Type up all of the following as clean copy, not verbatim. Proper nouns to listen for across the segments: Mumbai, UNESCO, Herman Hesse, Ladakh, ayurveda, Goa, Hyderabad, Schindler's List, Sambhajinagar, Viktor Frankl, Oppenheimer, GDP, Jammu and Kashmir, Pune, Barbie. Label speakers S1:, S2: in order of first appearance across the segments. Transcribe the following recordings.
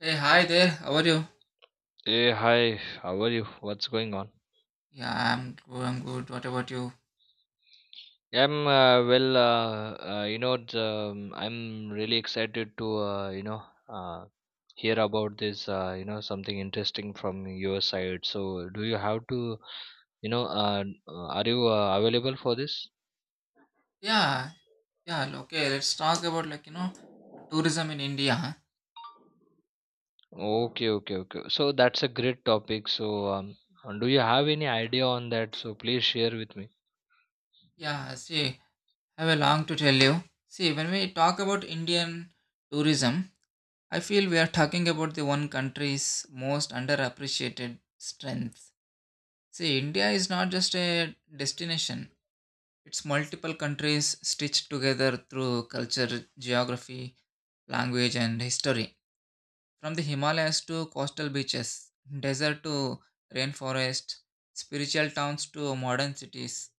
S1: Hey, hi there. How are you?
S2: Hey, hi. How are you? What's going on?
S1: Yeah, I'm good. I'm good. What about you?
S2: I'm well. I'm really excited to uh, hear about this. Something interesting from your side. So, do you have to? Are you available for this?
S1: Yeah, yeah. Okay, let's talk about tourism in India.
S2: Okay, okay, okay. So that's a great topic. So, do you have any idea on that? So please share with me.
S1: Yeah, see, I have a long to tell you. See, when we talk about Indian tourism, I feel we are talking about the one country's most underappreciated strength. See, India is not just a destination. It's multiple countries stitched together through culture, geography, language, and history. From the Himalayas to coastal beaches, desert to rainforest, spiritual towns to modern cities.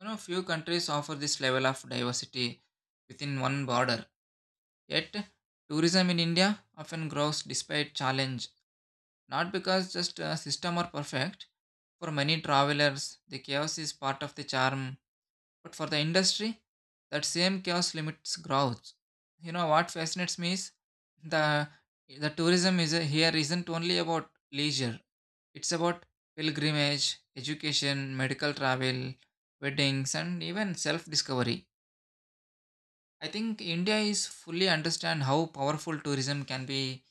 S1: You know, few countries offer this level of diversity within one border. Yet, tourism in India often grows despite challenge, not because just a system are perfect. For many travelers, the chaos is part of the charm, but for the industry, that same chaos limits growth. You know what fascinates me is the the tourism is here isn't only about leisure. It's about pilgrimage, education, medical travel, weddings, and even self-discovery. I think India is fully understand how powerful tourism can be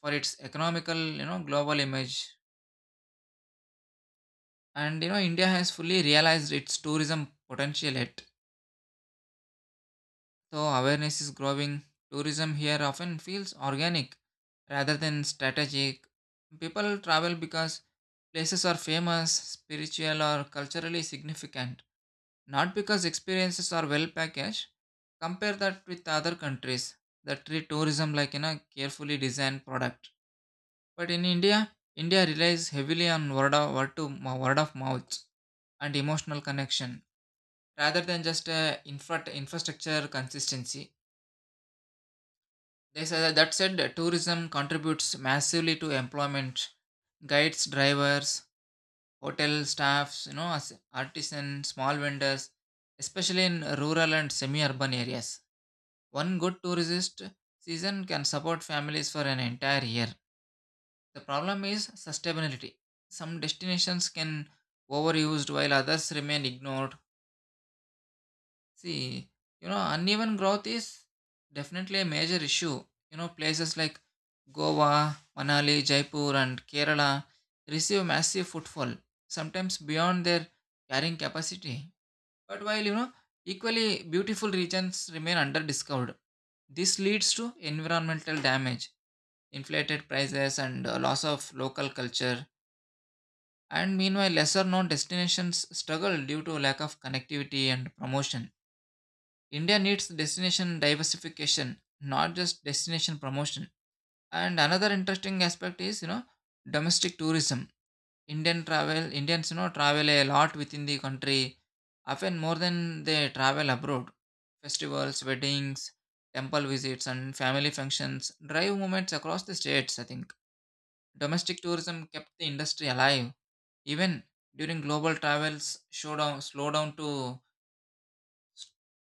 S1: for its economical, global image. And you know, India has fully realized its tourism potential yet. So awareness is growing. Tourism here often feels organic rather than strategic. People travel because places are famous, spiritual, or culturally significant, not because experiences are well packaged. Compare that with other countries that treat tourism like in a carefully designed product. But in India, India relies heavily on word of mouth and emotional connection rather than just infrastructure consistency. They said that said, tourism contributes massively to employment. Guides, drivers, hotel staffs, you know, artisans, small vendors, especially in rural and semi-urban areas. One good tourist season can support families for an entire year. The problem is sustainability. Some destinations can overused while others remain ignored. See, you know, uneven growth is definitely a major issue. You know, places like Goa, Manali, Jaipur, and Kerala receive massive footfall, sometimes beyond their carrying capacity. But while, you know, equally beautiful regions remain underdiscovered, this leads to environmental damage, inflated prices, and loss of local culture. And meanwhile, lesser known destinations struggle due to lack of connectivity and promotion. India needs destination diversification, not just destination promotion. And another interesting aspect is, you know, domestic tourism. Indian travel, Indians, you know, travel a lot within the country, often more than they travel abroad. Festivals, weddings, temple visits, and family functions drive movements across the states, I think. Domestic tourism kept the industry alive. Even during global travels showdown slowdown to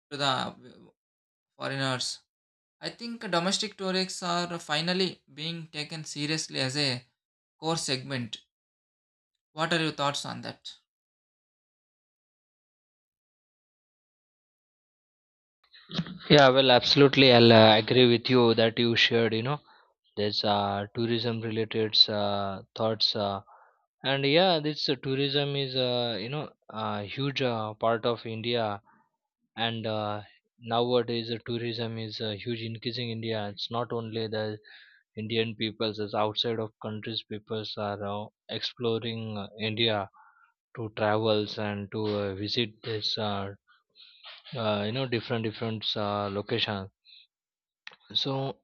S1: to the foreigners. I think domestic tourists are finally being taken seriously as a core segment. What are your thoughts on that?
S2: Yeah, well, absolutely. I'll agree with you that you shared. There's tourism related thoughts. And yeah, this tourism is, a huge part of India. And nowadays, tourism is huge increasing India. It's not only the Indian peoples, it's outside of countries, peoples are exploring India to travels and to visit this, different locations. So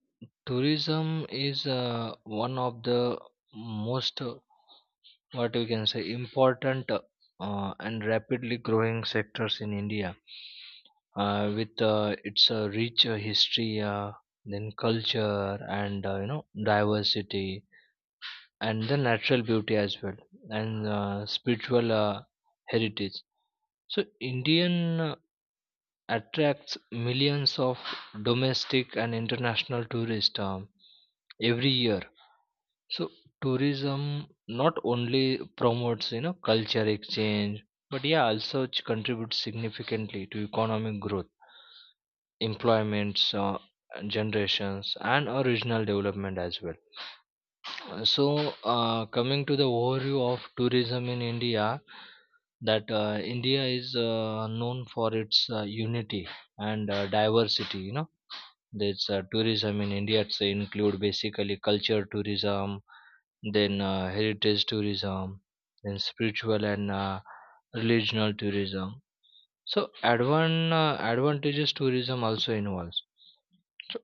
S2: tourism is one of the most what we can say important and rapidly growing sectors in India, with its rich history, then culture and diversity and the natural beauty as well, and spiritual heritage. So Indian attracts millions of domestic and international tourists every year. So tourism not only promotes culture exchange, but yeah also it contributes significantly to economic growth, employments generations, and a regional development as well. Uh, so Coming to the overview of tourism in India, that India is known for its unity and diversity. There's tourism in India. It's include basically culture tourism, then heritage tourism, then spiritual and regional tourism. So advantages tourism also involves. So,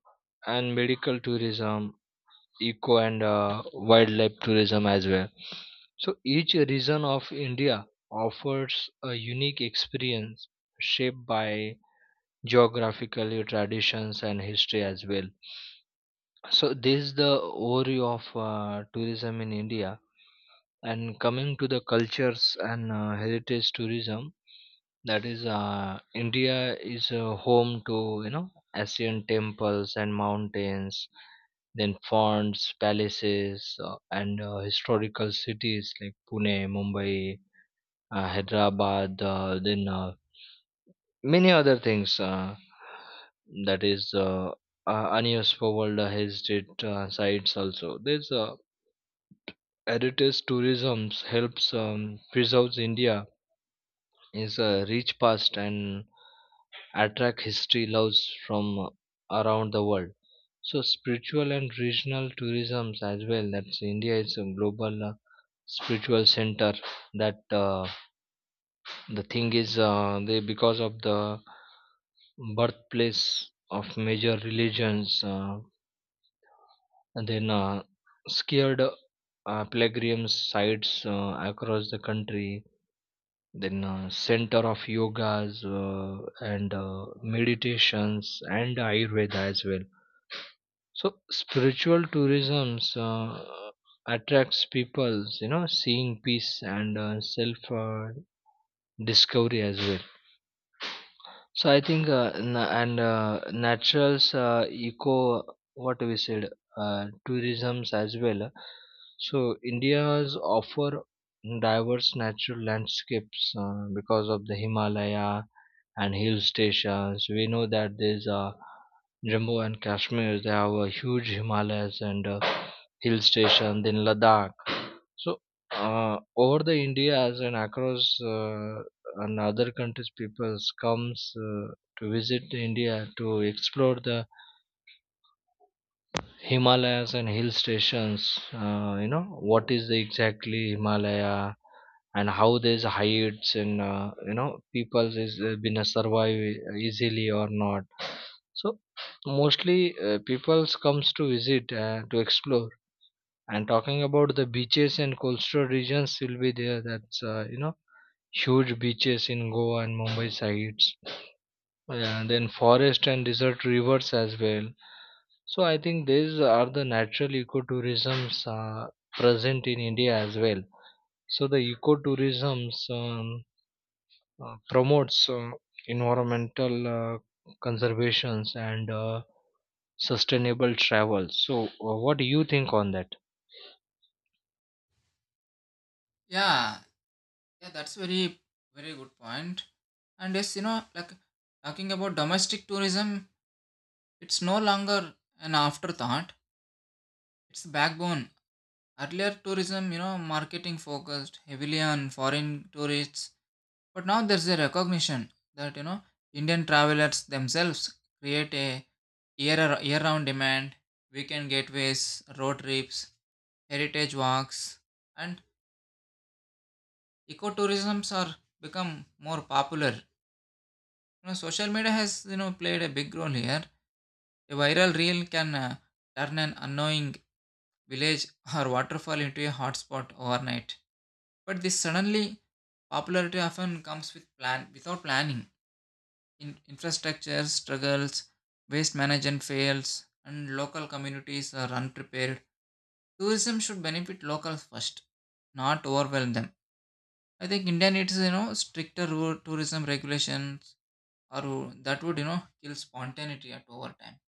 S2: and medical tourism, eco and wildlife tourism as well. So each region of India offers a unique experience shaped by geographical traditions and history as well. So this is the overview of tourism in India. And coming to the cultures and heritage tourism, that is, India is home to ancient temples and mountains, then fonts, palaces, and historical cities like Pune, Mumbai, Hyderabad, then many other things. That is UNESCO World Heritage sites also. There's heritage tourism helps preserves India is a rich past and attract history loves from around the world. So spiritual and regional tourism as well. That's India is a global spiritual center. That The thing is they because of the birthplace of major religions, and then scared pilgrims sites across the country, then center of yogas and meditations and ayurveda as well. So spiritual tourism attracts people seeing peace and self discovery as well. So I think, na- and naturals eco, what we said tourisms as well. So India's offer diverse natural landscapes because of the Himalaya and hill stations. We know that there's Jammu and Kashmir. They have a huge Himalayas and hill station. Then Ladakh. So over the India's and across, and other countries, peoples comes to visit India to explore the Himalayas and hill stations. What is the exactly Himalaya and how there's heights, and people is been a survive easily or not. So mostly people's comes to visit to explore. And talking about the beaches and coastal regions will be there. That's huge beaches in Goa and Mumbai sides. Yeah, then forest and desert rivers as well. So I think these are the natural ecotourisms present in India as well. So the ecotourisms promotes environmental conservations and sustainable travel. So what do you think on that?
S1: Yeah, yeah, that's very good point. And yes, you know, like talking about domestic tourism, it's no longer an afterthought. It's backbone. Earlier tourism, you know, marketing focused heavily on foreign tourists, but now there's a recognition that you know Indian travelers themselves create a year round demand, weekend gateways, road trips, heritage walks, and ecotourisms are become more popular. You know, social media has you know played a big role here. A viral reel can turn an annoying village or waterfall into a hotspot overnight. But this suddenly popularity often comes with plan without planning. In infrastructure struggles, waste management fails, and local communities are unprepared. Tourism should benefit locals first, not overwhelm them. I think India needs you know stricter tourism regulations, or ru- that would you know kill spontaneity at over time.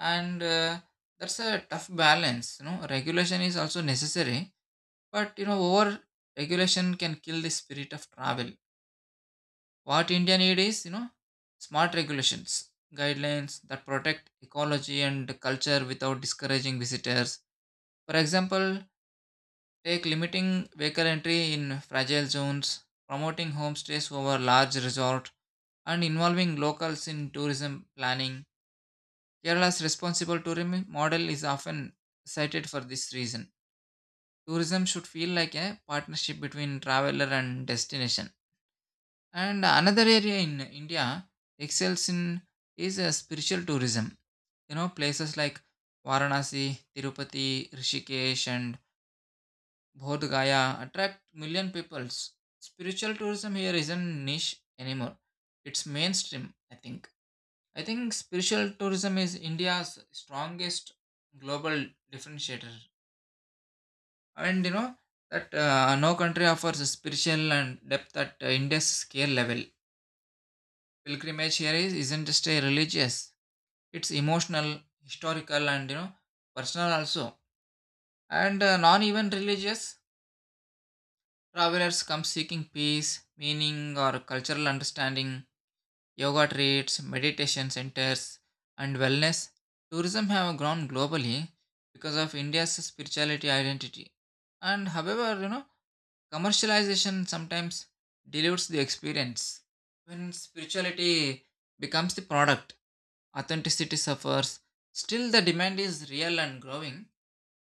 S1: And that's a tough balance. You know, regulation is also necessary, but you know over regulation can kill the spirit of travel. What India need is you know smart regulations, guidelines that protect ecology and culture without discouraging visitors. For example, take limiting vehicle entry in fragile zones, promoting homestays over large resorts, and involving locals in tourism planning. Kerala's responsible tourism model is often cited for this reason. Tourism should feel like a partnership between traveler and destination. And another area in India excels in is spiritual tourism. You know, places like Varanasi, Tirupati, Rishikesh, and Bodh Gaya attract million peoples. Spiritual tourism here isn't niche anymore. It's mainstream, I think. I think spiritual tourism is India's strongest global differentiator. And you know that no country offers a spiritual and depth at India's scale level. Pilgrimage here is, isn't just a religious, it's emotional, historical, and you know personal also. And non even religious travelers come seeking peace, meaning, or cultural understanding, yoga retreats, meditation centers, and wellness. Tourism have grown globally because of India's spirituality identity. And however, you know, commercialization sometimes dilutes the experience. When spirituality becomes the product, authenticity suffers. Still, the demand is real and growing.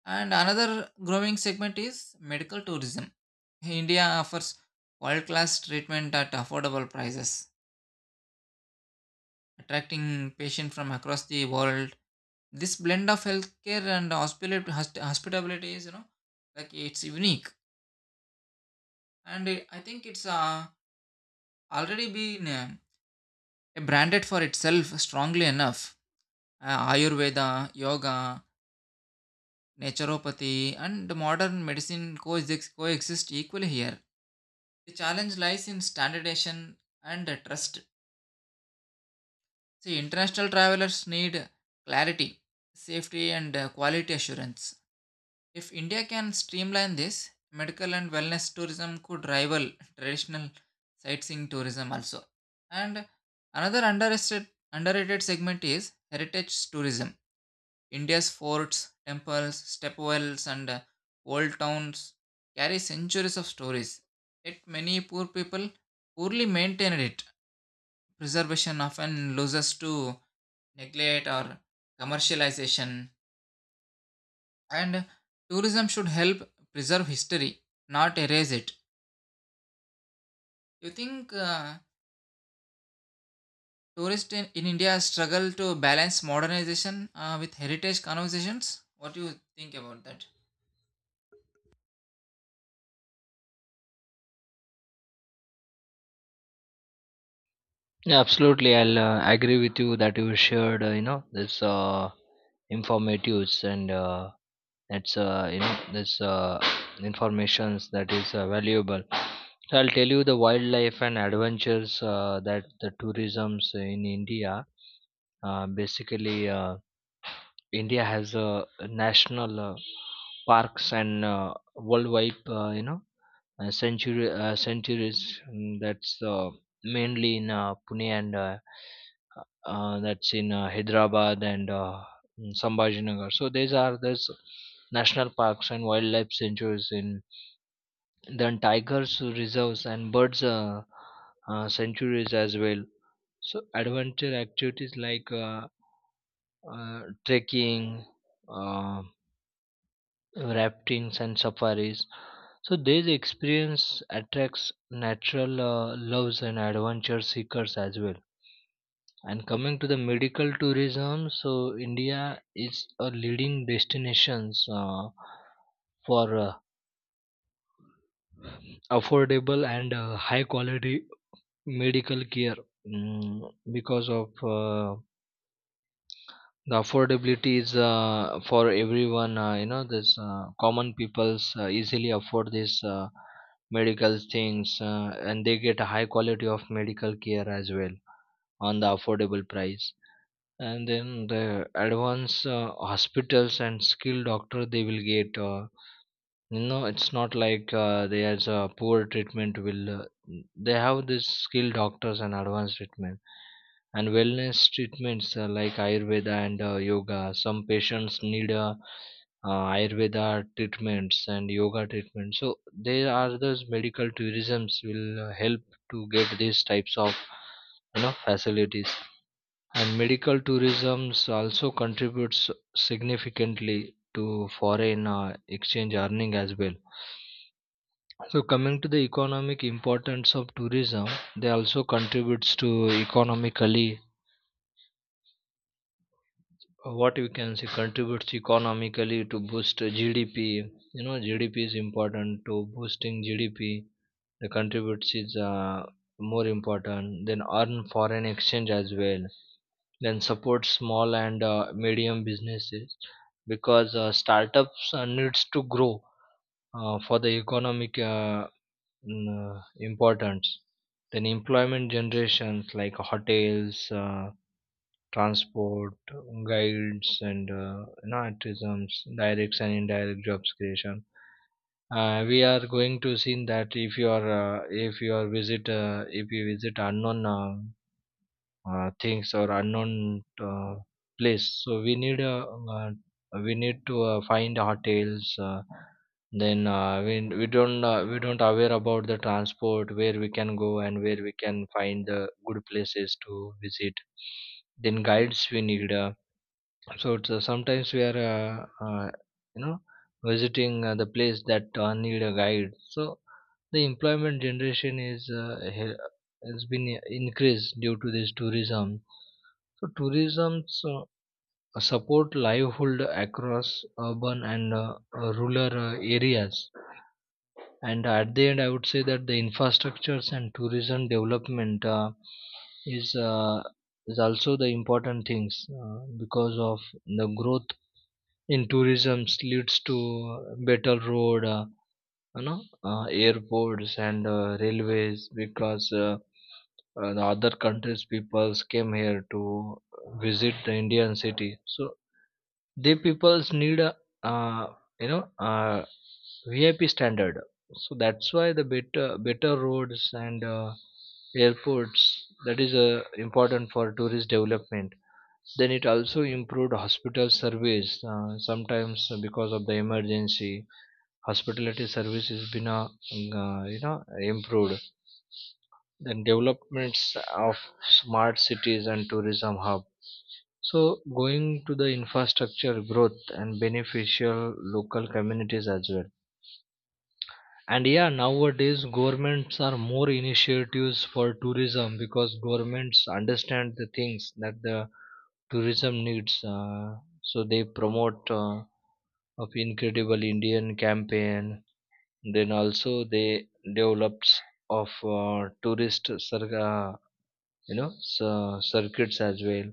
S1: And another growing segment is medical tourism. Hey, India offers world class treatment at affordable prices, attracting patients from across the world. This blend of healthcare and hospitality is, you know, like it's unique. And I think it's already been branded for itself strongly enough. Ayurveda, yoga, naturopathy, and modern medicine coexist equally here. The challenge lies in standardization and trust. See, international travelers need clarity, safety, and quality assurance. If India can streamline this, medical and wellness tourism could rival traditional sightseeing tourism also. And another underrated segment is heritage tourism. India's forts, temples, stepwells, and old towns carry centuries of stories. Yet many poorly maintain it. Preservation often loses to neglect or commercialization, and tourism should help preserve history, not erase it. You think tourists in India struggle to balance modernization with heritage conversations, what do you think about that?
S2: Yeah, absolutely. I'll agree with you that you shared, this informatives, and that's this informations that is valuable. So I'll tell you the wildlife and adventures that the tourisms in India. Basically India has a national parks and worldwide, century centuries. That's mainly in Pune and, that's in Hyderabad and in Sambhajinagar. So these are these national parks and wildlife sanctuaries in, then tigers reserves and birds sanctuaries as well. So adventure activities like, trekking, uh, raftings and safaris. So these experience attracts natural loves and adventure seekers as well. And coming to the medical tourism, so India is a leading destinations for affordable and high quality medical care, because of the affordability is for everyone, this common peoples easily afford these medical things, and they get a high quality of medical care as well on the affordable price. And then the advanced hospitals and skilled doctor they will get, no, it's not like there's a poor treatment will, they have this skilled doctors and advanced treatment. And wellness treatments like ayurveda and yoga, some patients need uh, ayurveda treatments and yoga treatments. So there are those medical tourisms will help to get these types of facilities. And medical tourism also contributes significantly to foreign exchange earning as well. So coming to the economic importance of tourism, they also contributes to economically, what we can say, contributes economically to boost GDP. You know, GDP is important to boosting GDP. The contributes is more important. Then earn foreign exchange as well. Then support small and medium businesses, because startups needs to grow for the economic, importance. Then employment generations like hotels, transport guides and tourisms direct and indirect jobs creation. We are going to see that if you are, if you are visit if you visit unknown things or unknown uh, place, so we need, uh, we need to find hotels. Then we don't, we don't aware about the transport, where we can go and where we can find the good places to visit. Then guides we need, so it's, sometimes we are, you know, visiting the place that need a guide. So the employment generation is has been increased due to this tourism. So tourism support livelihood across urban and rural areas. And at the end, I would say that the infrastructures and tourism development is uh, is also the important things, because of the growth in tourism leads to better road, airports and railways, because the other countries peoples came here to visit the Indian city, so they peoples need a uh, you know uh, VIP standard. So that's why the better roads and airports, that is important for tourist development. Then it also improved hospital service. Sometimes because of the emergency, hospitality service has been improved. Then developments of smart cities and tourism hub. So going to the infrastructure growth and beneficial local communities as well. And yeah, nowadays governments are more initiatives for tourism, because governments understand the things that the tourism needs, so they promote of incredible Indian campaign. Then also they develops of tourist you know circuits as well.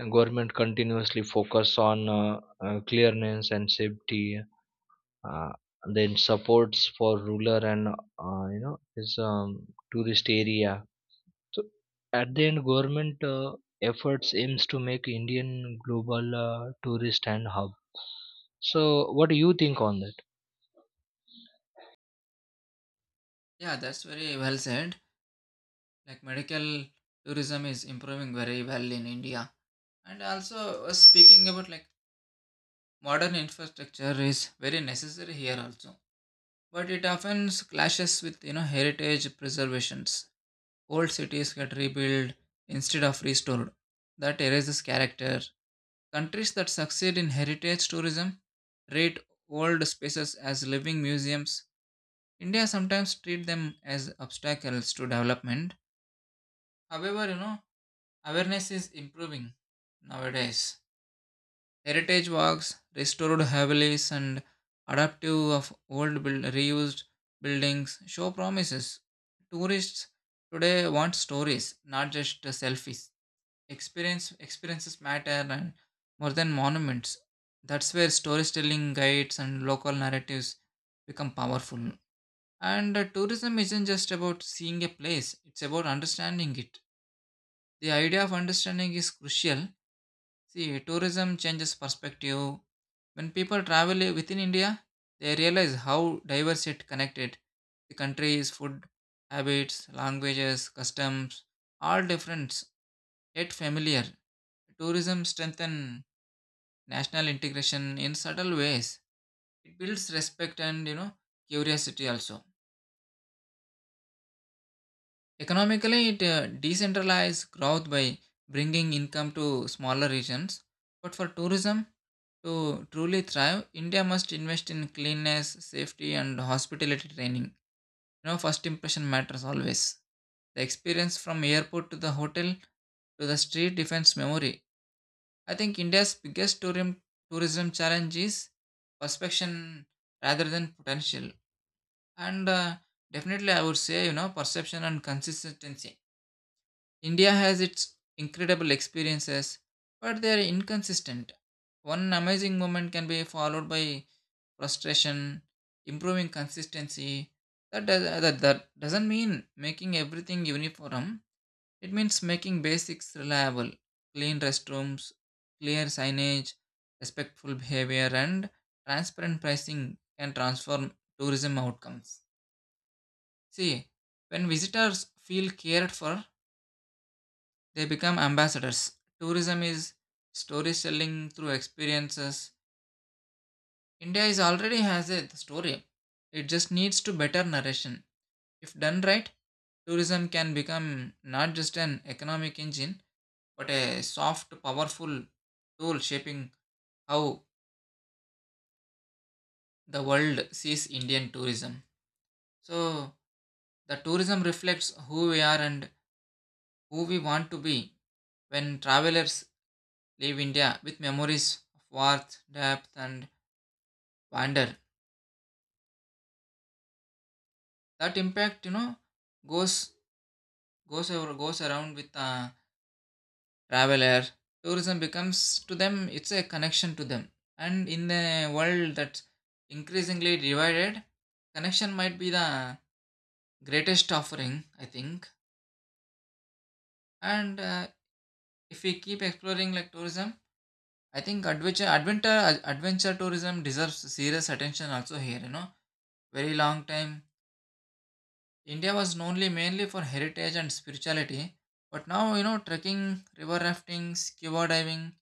S2: And government continuously focus on clearness and safety, uh, then supports for rural and is tourist area. So at the end, government efforts aims to make Indian global tourist and hub. So what do you think on that?
S1: Yeah, that's very well said. Like medical tourism is improving very well in India, and also speaking about like modern infrastructure is very necessary here also, but it often clashes with you know heritage preservations. Old cities get rebuilt instead of restored. That erases character. Countries that succeed in heritage tourism treat old spaces as living museums. India sometimes treat them as obstacles to development. However, you know, awareness is improving nowadays. Heritage walks, restored havelis, and adaptive of old build, reused buildings show promises. Tourists today want stories, not just selfies. Experiences matter and more than monuments. That's where storytelling guides and local narratives become powerful. And tourism isn't just about seeing a place, it's about understanding it. The idea of understanding is crucial. See, tourism changes perspective. When people travel within India, they realize how diverse it connected the country is, food, habits, languages, customs, all different yet familiar. Tourism strengthens national integration in subtle ways. It builds respect and you know curiosity also. Economically it decentralizes growth by bringing income to smaller regions, but for tourism to truly thrive India must invest in cleanness, safety, and hospitality training. You know, first impression matters always. The experience from airport to the hotel to the street defines memory. I think India's biggest tourism challenge is perception rather than potential. And definitely, I would say you know perception and consistency. India has its incredible experiences, but they are inconsistent. One amazing moment can be followed by frustration. Improving consistency that doesn't mean making everything uniform, it means making basics reliable. Clean restrooms, clear signage, respectful behavior, and transparent pricing can transform tourism outcomes. See, when visitors feel cared for, they become ambassadors. Tourism is storytelling through experiences. India is already has a story. It just needs to better narration. If done right, tourism can become not just an economic engine but a soft, powerful tool shaping how the world sees Indian tourism. So, the tourism reflects who we are and who we want to be when travelers leave India with memories of warmth, depth, and wonder. That impact, you know, goes goes around with the traveler. Tourism becomes to them it's a connection to them, and in a world that's increasingly divided, connection might be the greatest offering, I think. And if we keep exploring like tourism, I think adventure tourism deserves serious attention also here. You know, very long time India was knownly mainly for heritage and spirituality, but now you know trekking, river rafting, scuba diving,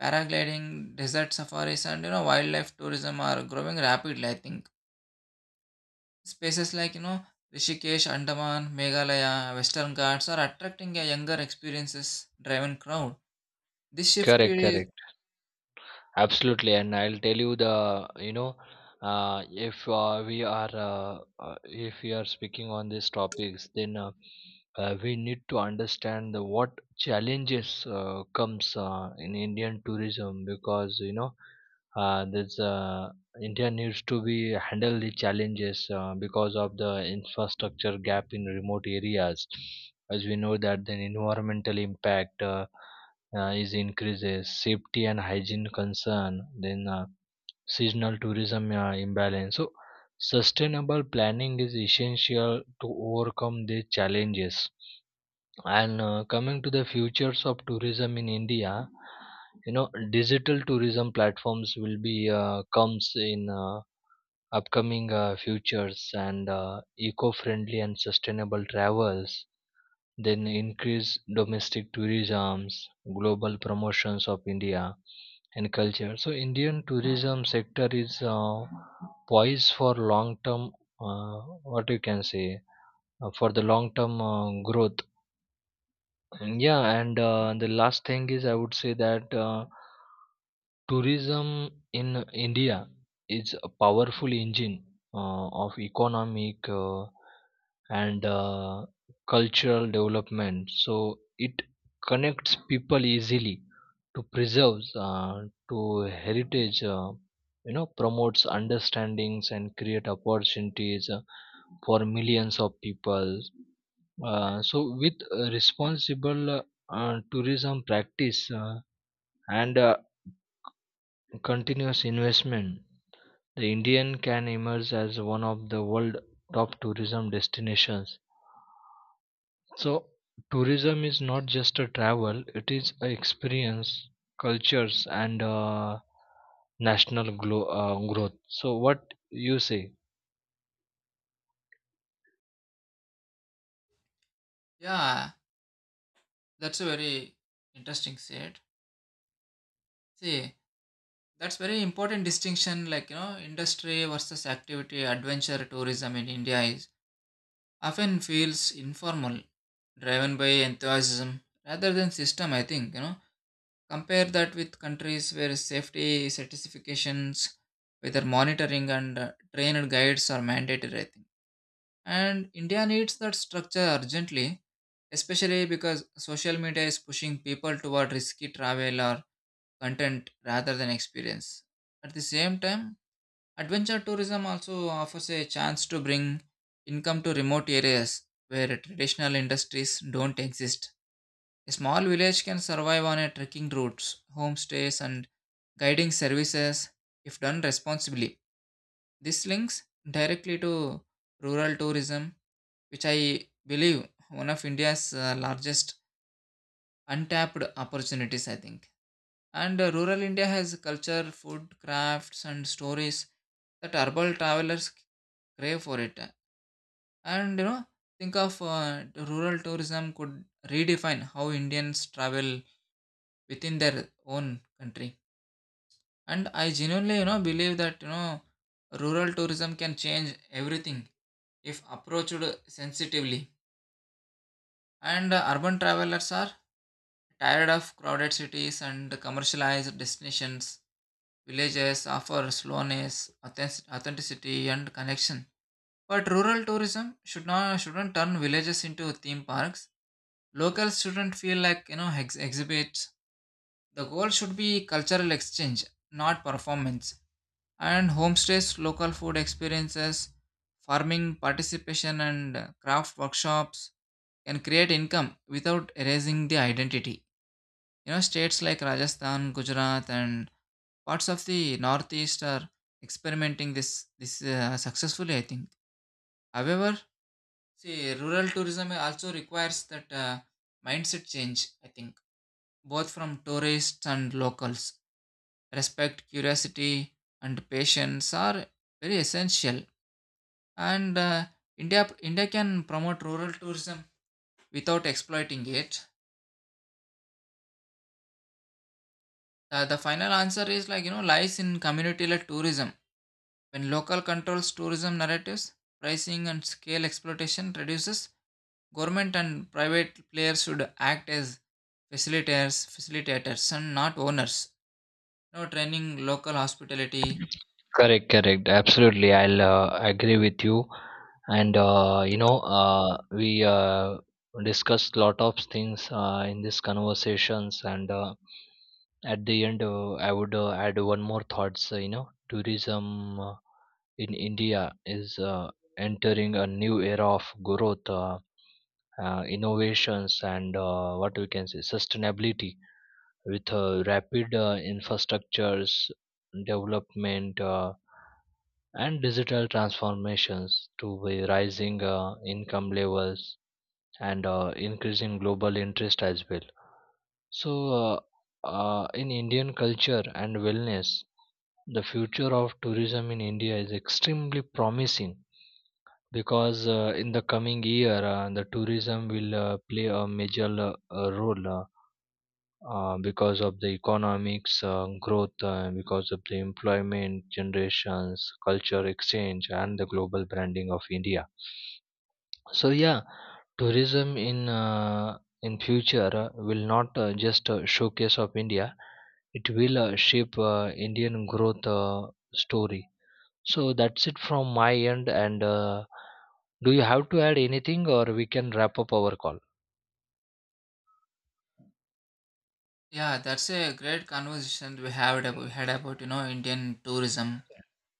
S1: paragliding, desert safaris, and you know wildlife tourism are growing rapidly. I think spaces like you know Rishikesh, Andaman, Meghalaya, Western Ghats are attracting a younger experiences driven crowd. This shift
S2: Correct,
S1: is
S2: correct. Absolutely, and I'll tell you, the if we are if we are speaking on these topics, then, we need to understand the, what challenges comes in Indian tourism, because this India needs to be handle the challenges because of the infrastructure gap in remote areas. As we know that the environmental impact, is increases safety and hygiene concern, then seasonal tourism imbalance. So sustainable planning is essential to overcome these challenges. And coming to the futures of tourism in India, you know digital tourism platforms will be, comes in upcoming futures, and eco-friendly and sustainable travels, then increase domestic tourism, global promotions of India and culture. So Indian tourism sector is poised for long term, what you can say, for the long term growth. Mm, yeah, and the last thing is I would say that tourism in India is a powerful engine of economic and cultural development. So it connects people easily to preserves, to heritage, promotes understandings and create opportunities for millions of people. So with responsible tourism practice and continuous investment, the Indian can emerge as one of the world top tourism destinations. So tourism is not just a travel, it is a experience, cultures and national growth. So what you say?
S1: yeah, that's a very interesting set. See, that's very important distinction like you know industry versus activity, adventure tourism in India is often feels informal, driven by enthusiasm rather than system. I think you know compare that with countries where safety certifications, whether monitoring and trained guides are mandatory. I think, and India needs that structure urgently, especially because social media is pushing people toward risky travel or content rather than experience. At the same time, adventure tourism also offers a chance to bring income to remote areas where traditional industries don't exist. A small village can survive on a trekking routes, homestays, and guiding services if done responsibly. This links directly to rural tourism, which I believe one of India's largest untapped opportunities, I think. And rural India has culture, food, crafts, and stories that urban travelers crave for it. And you know, think of rural tourism could redefine how Indians travel within their own country. And I genuinely, you know, believe that you know, rural tourism can change everything if approached sensitively. And urban travelers are tired of crowded cities and commercialized destinations. Villages offer slowness, authenticity, and connection. But rural tourism shouldn't turn villages into theme parks. Locals shouldn't feel like you know exhibits. The goal should be cultural exchange, not performance. And homestays, local food experiences, farming participation, and craft workshops can create income without erasing the identity. You know, states like Rajasthan, Gujarat, and parts of the northeast are experimenting this successfully, I think. However, see, rural tourism also requires that mindset change. I think both from tourists and locals, respect, curiosity, and patience are very essential. And India can promote rural tourism without exploiting it. The final answer is like you know lies in community-led tourism. When local controls tourism narratives, pricing and scale exploitation reduces, government and private players should act as facilitators and not owners. No training local hospitality.
S2: Correct, correct. Absolutely, I'll agree with you. And we discussed lot of things in these conversations. And at the end, I would add one more thoughts. Tourism in India is entering a new era of growth, innovations, and what we can say sustainability, with rapid infrastructures development. And digital transformations to the rising income levels and increasing global interest as well. So, uh, in Indian culture and wellness, the future of tourism in India is extremely promising, because in the coming year, the tourism will play a major role. Because of the economics growth, because of the employment generations, culture exchange, and the global branding of India. So yeah, tourism in future will not just showcase of India. It will shape Indian growth story. So that's it from my end. And do you have to add anything, or we can wrap up our call?
S1: Yeah, that's a great conversation we had about you know Indian tourism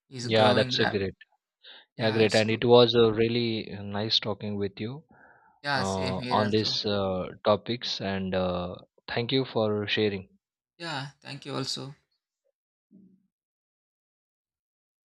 S1: is
S2: Yeah,
S1: growing.
S2: that's a
S1: Rap-
S2: great. Yeah,
S1: yeah,
S2: great.
S1: it's
S2: And
S1: good.
S2: it was really nice talking with you
S1: Yeah, same here
S2: on
S1: also.
S2: these topics. And thank you for sharing.
S1: Yeah, thank you also.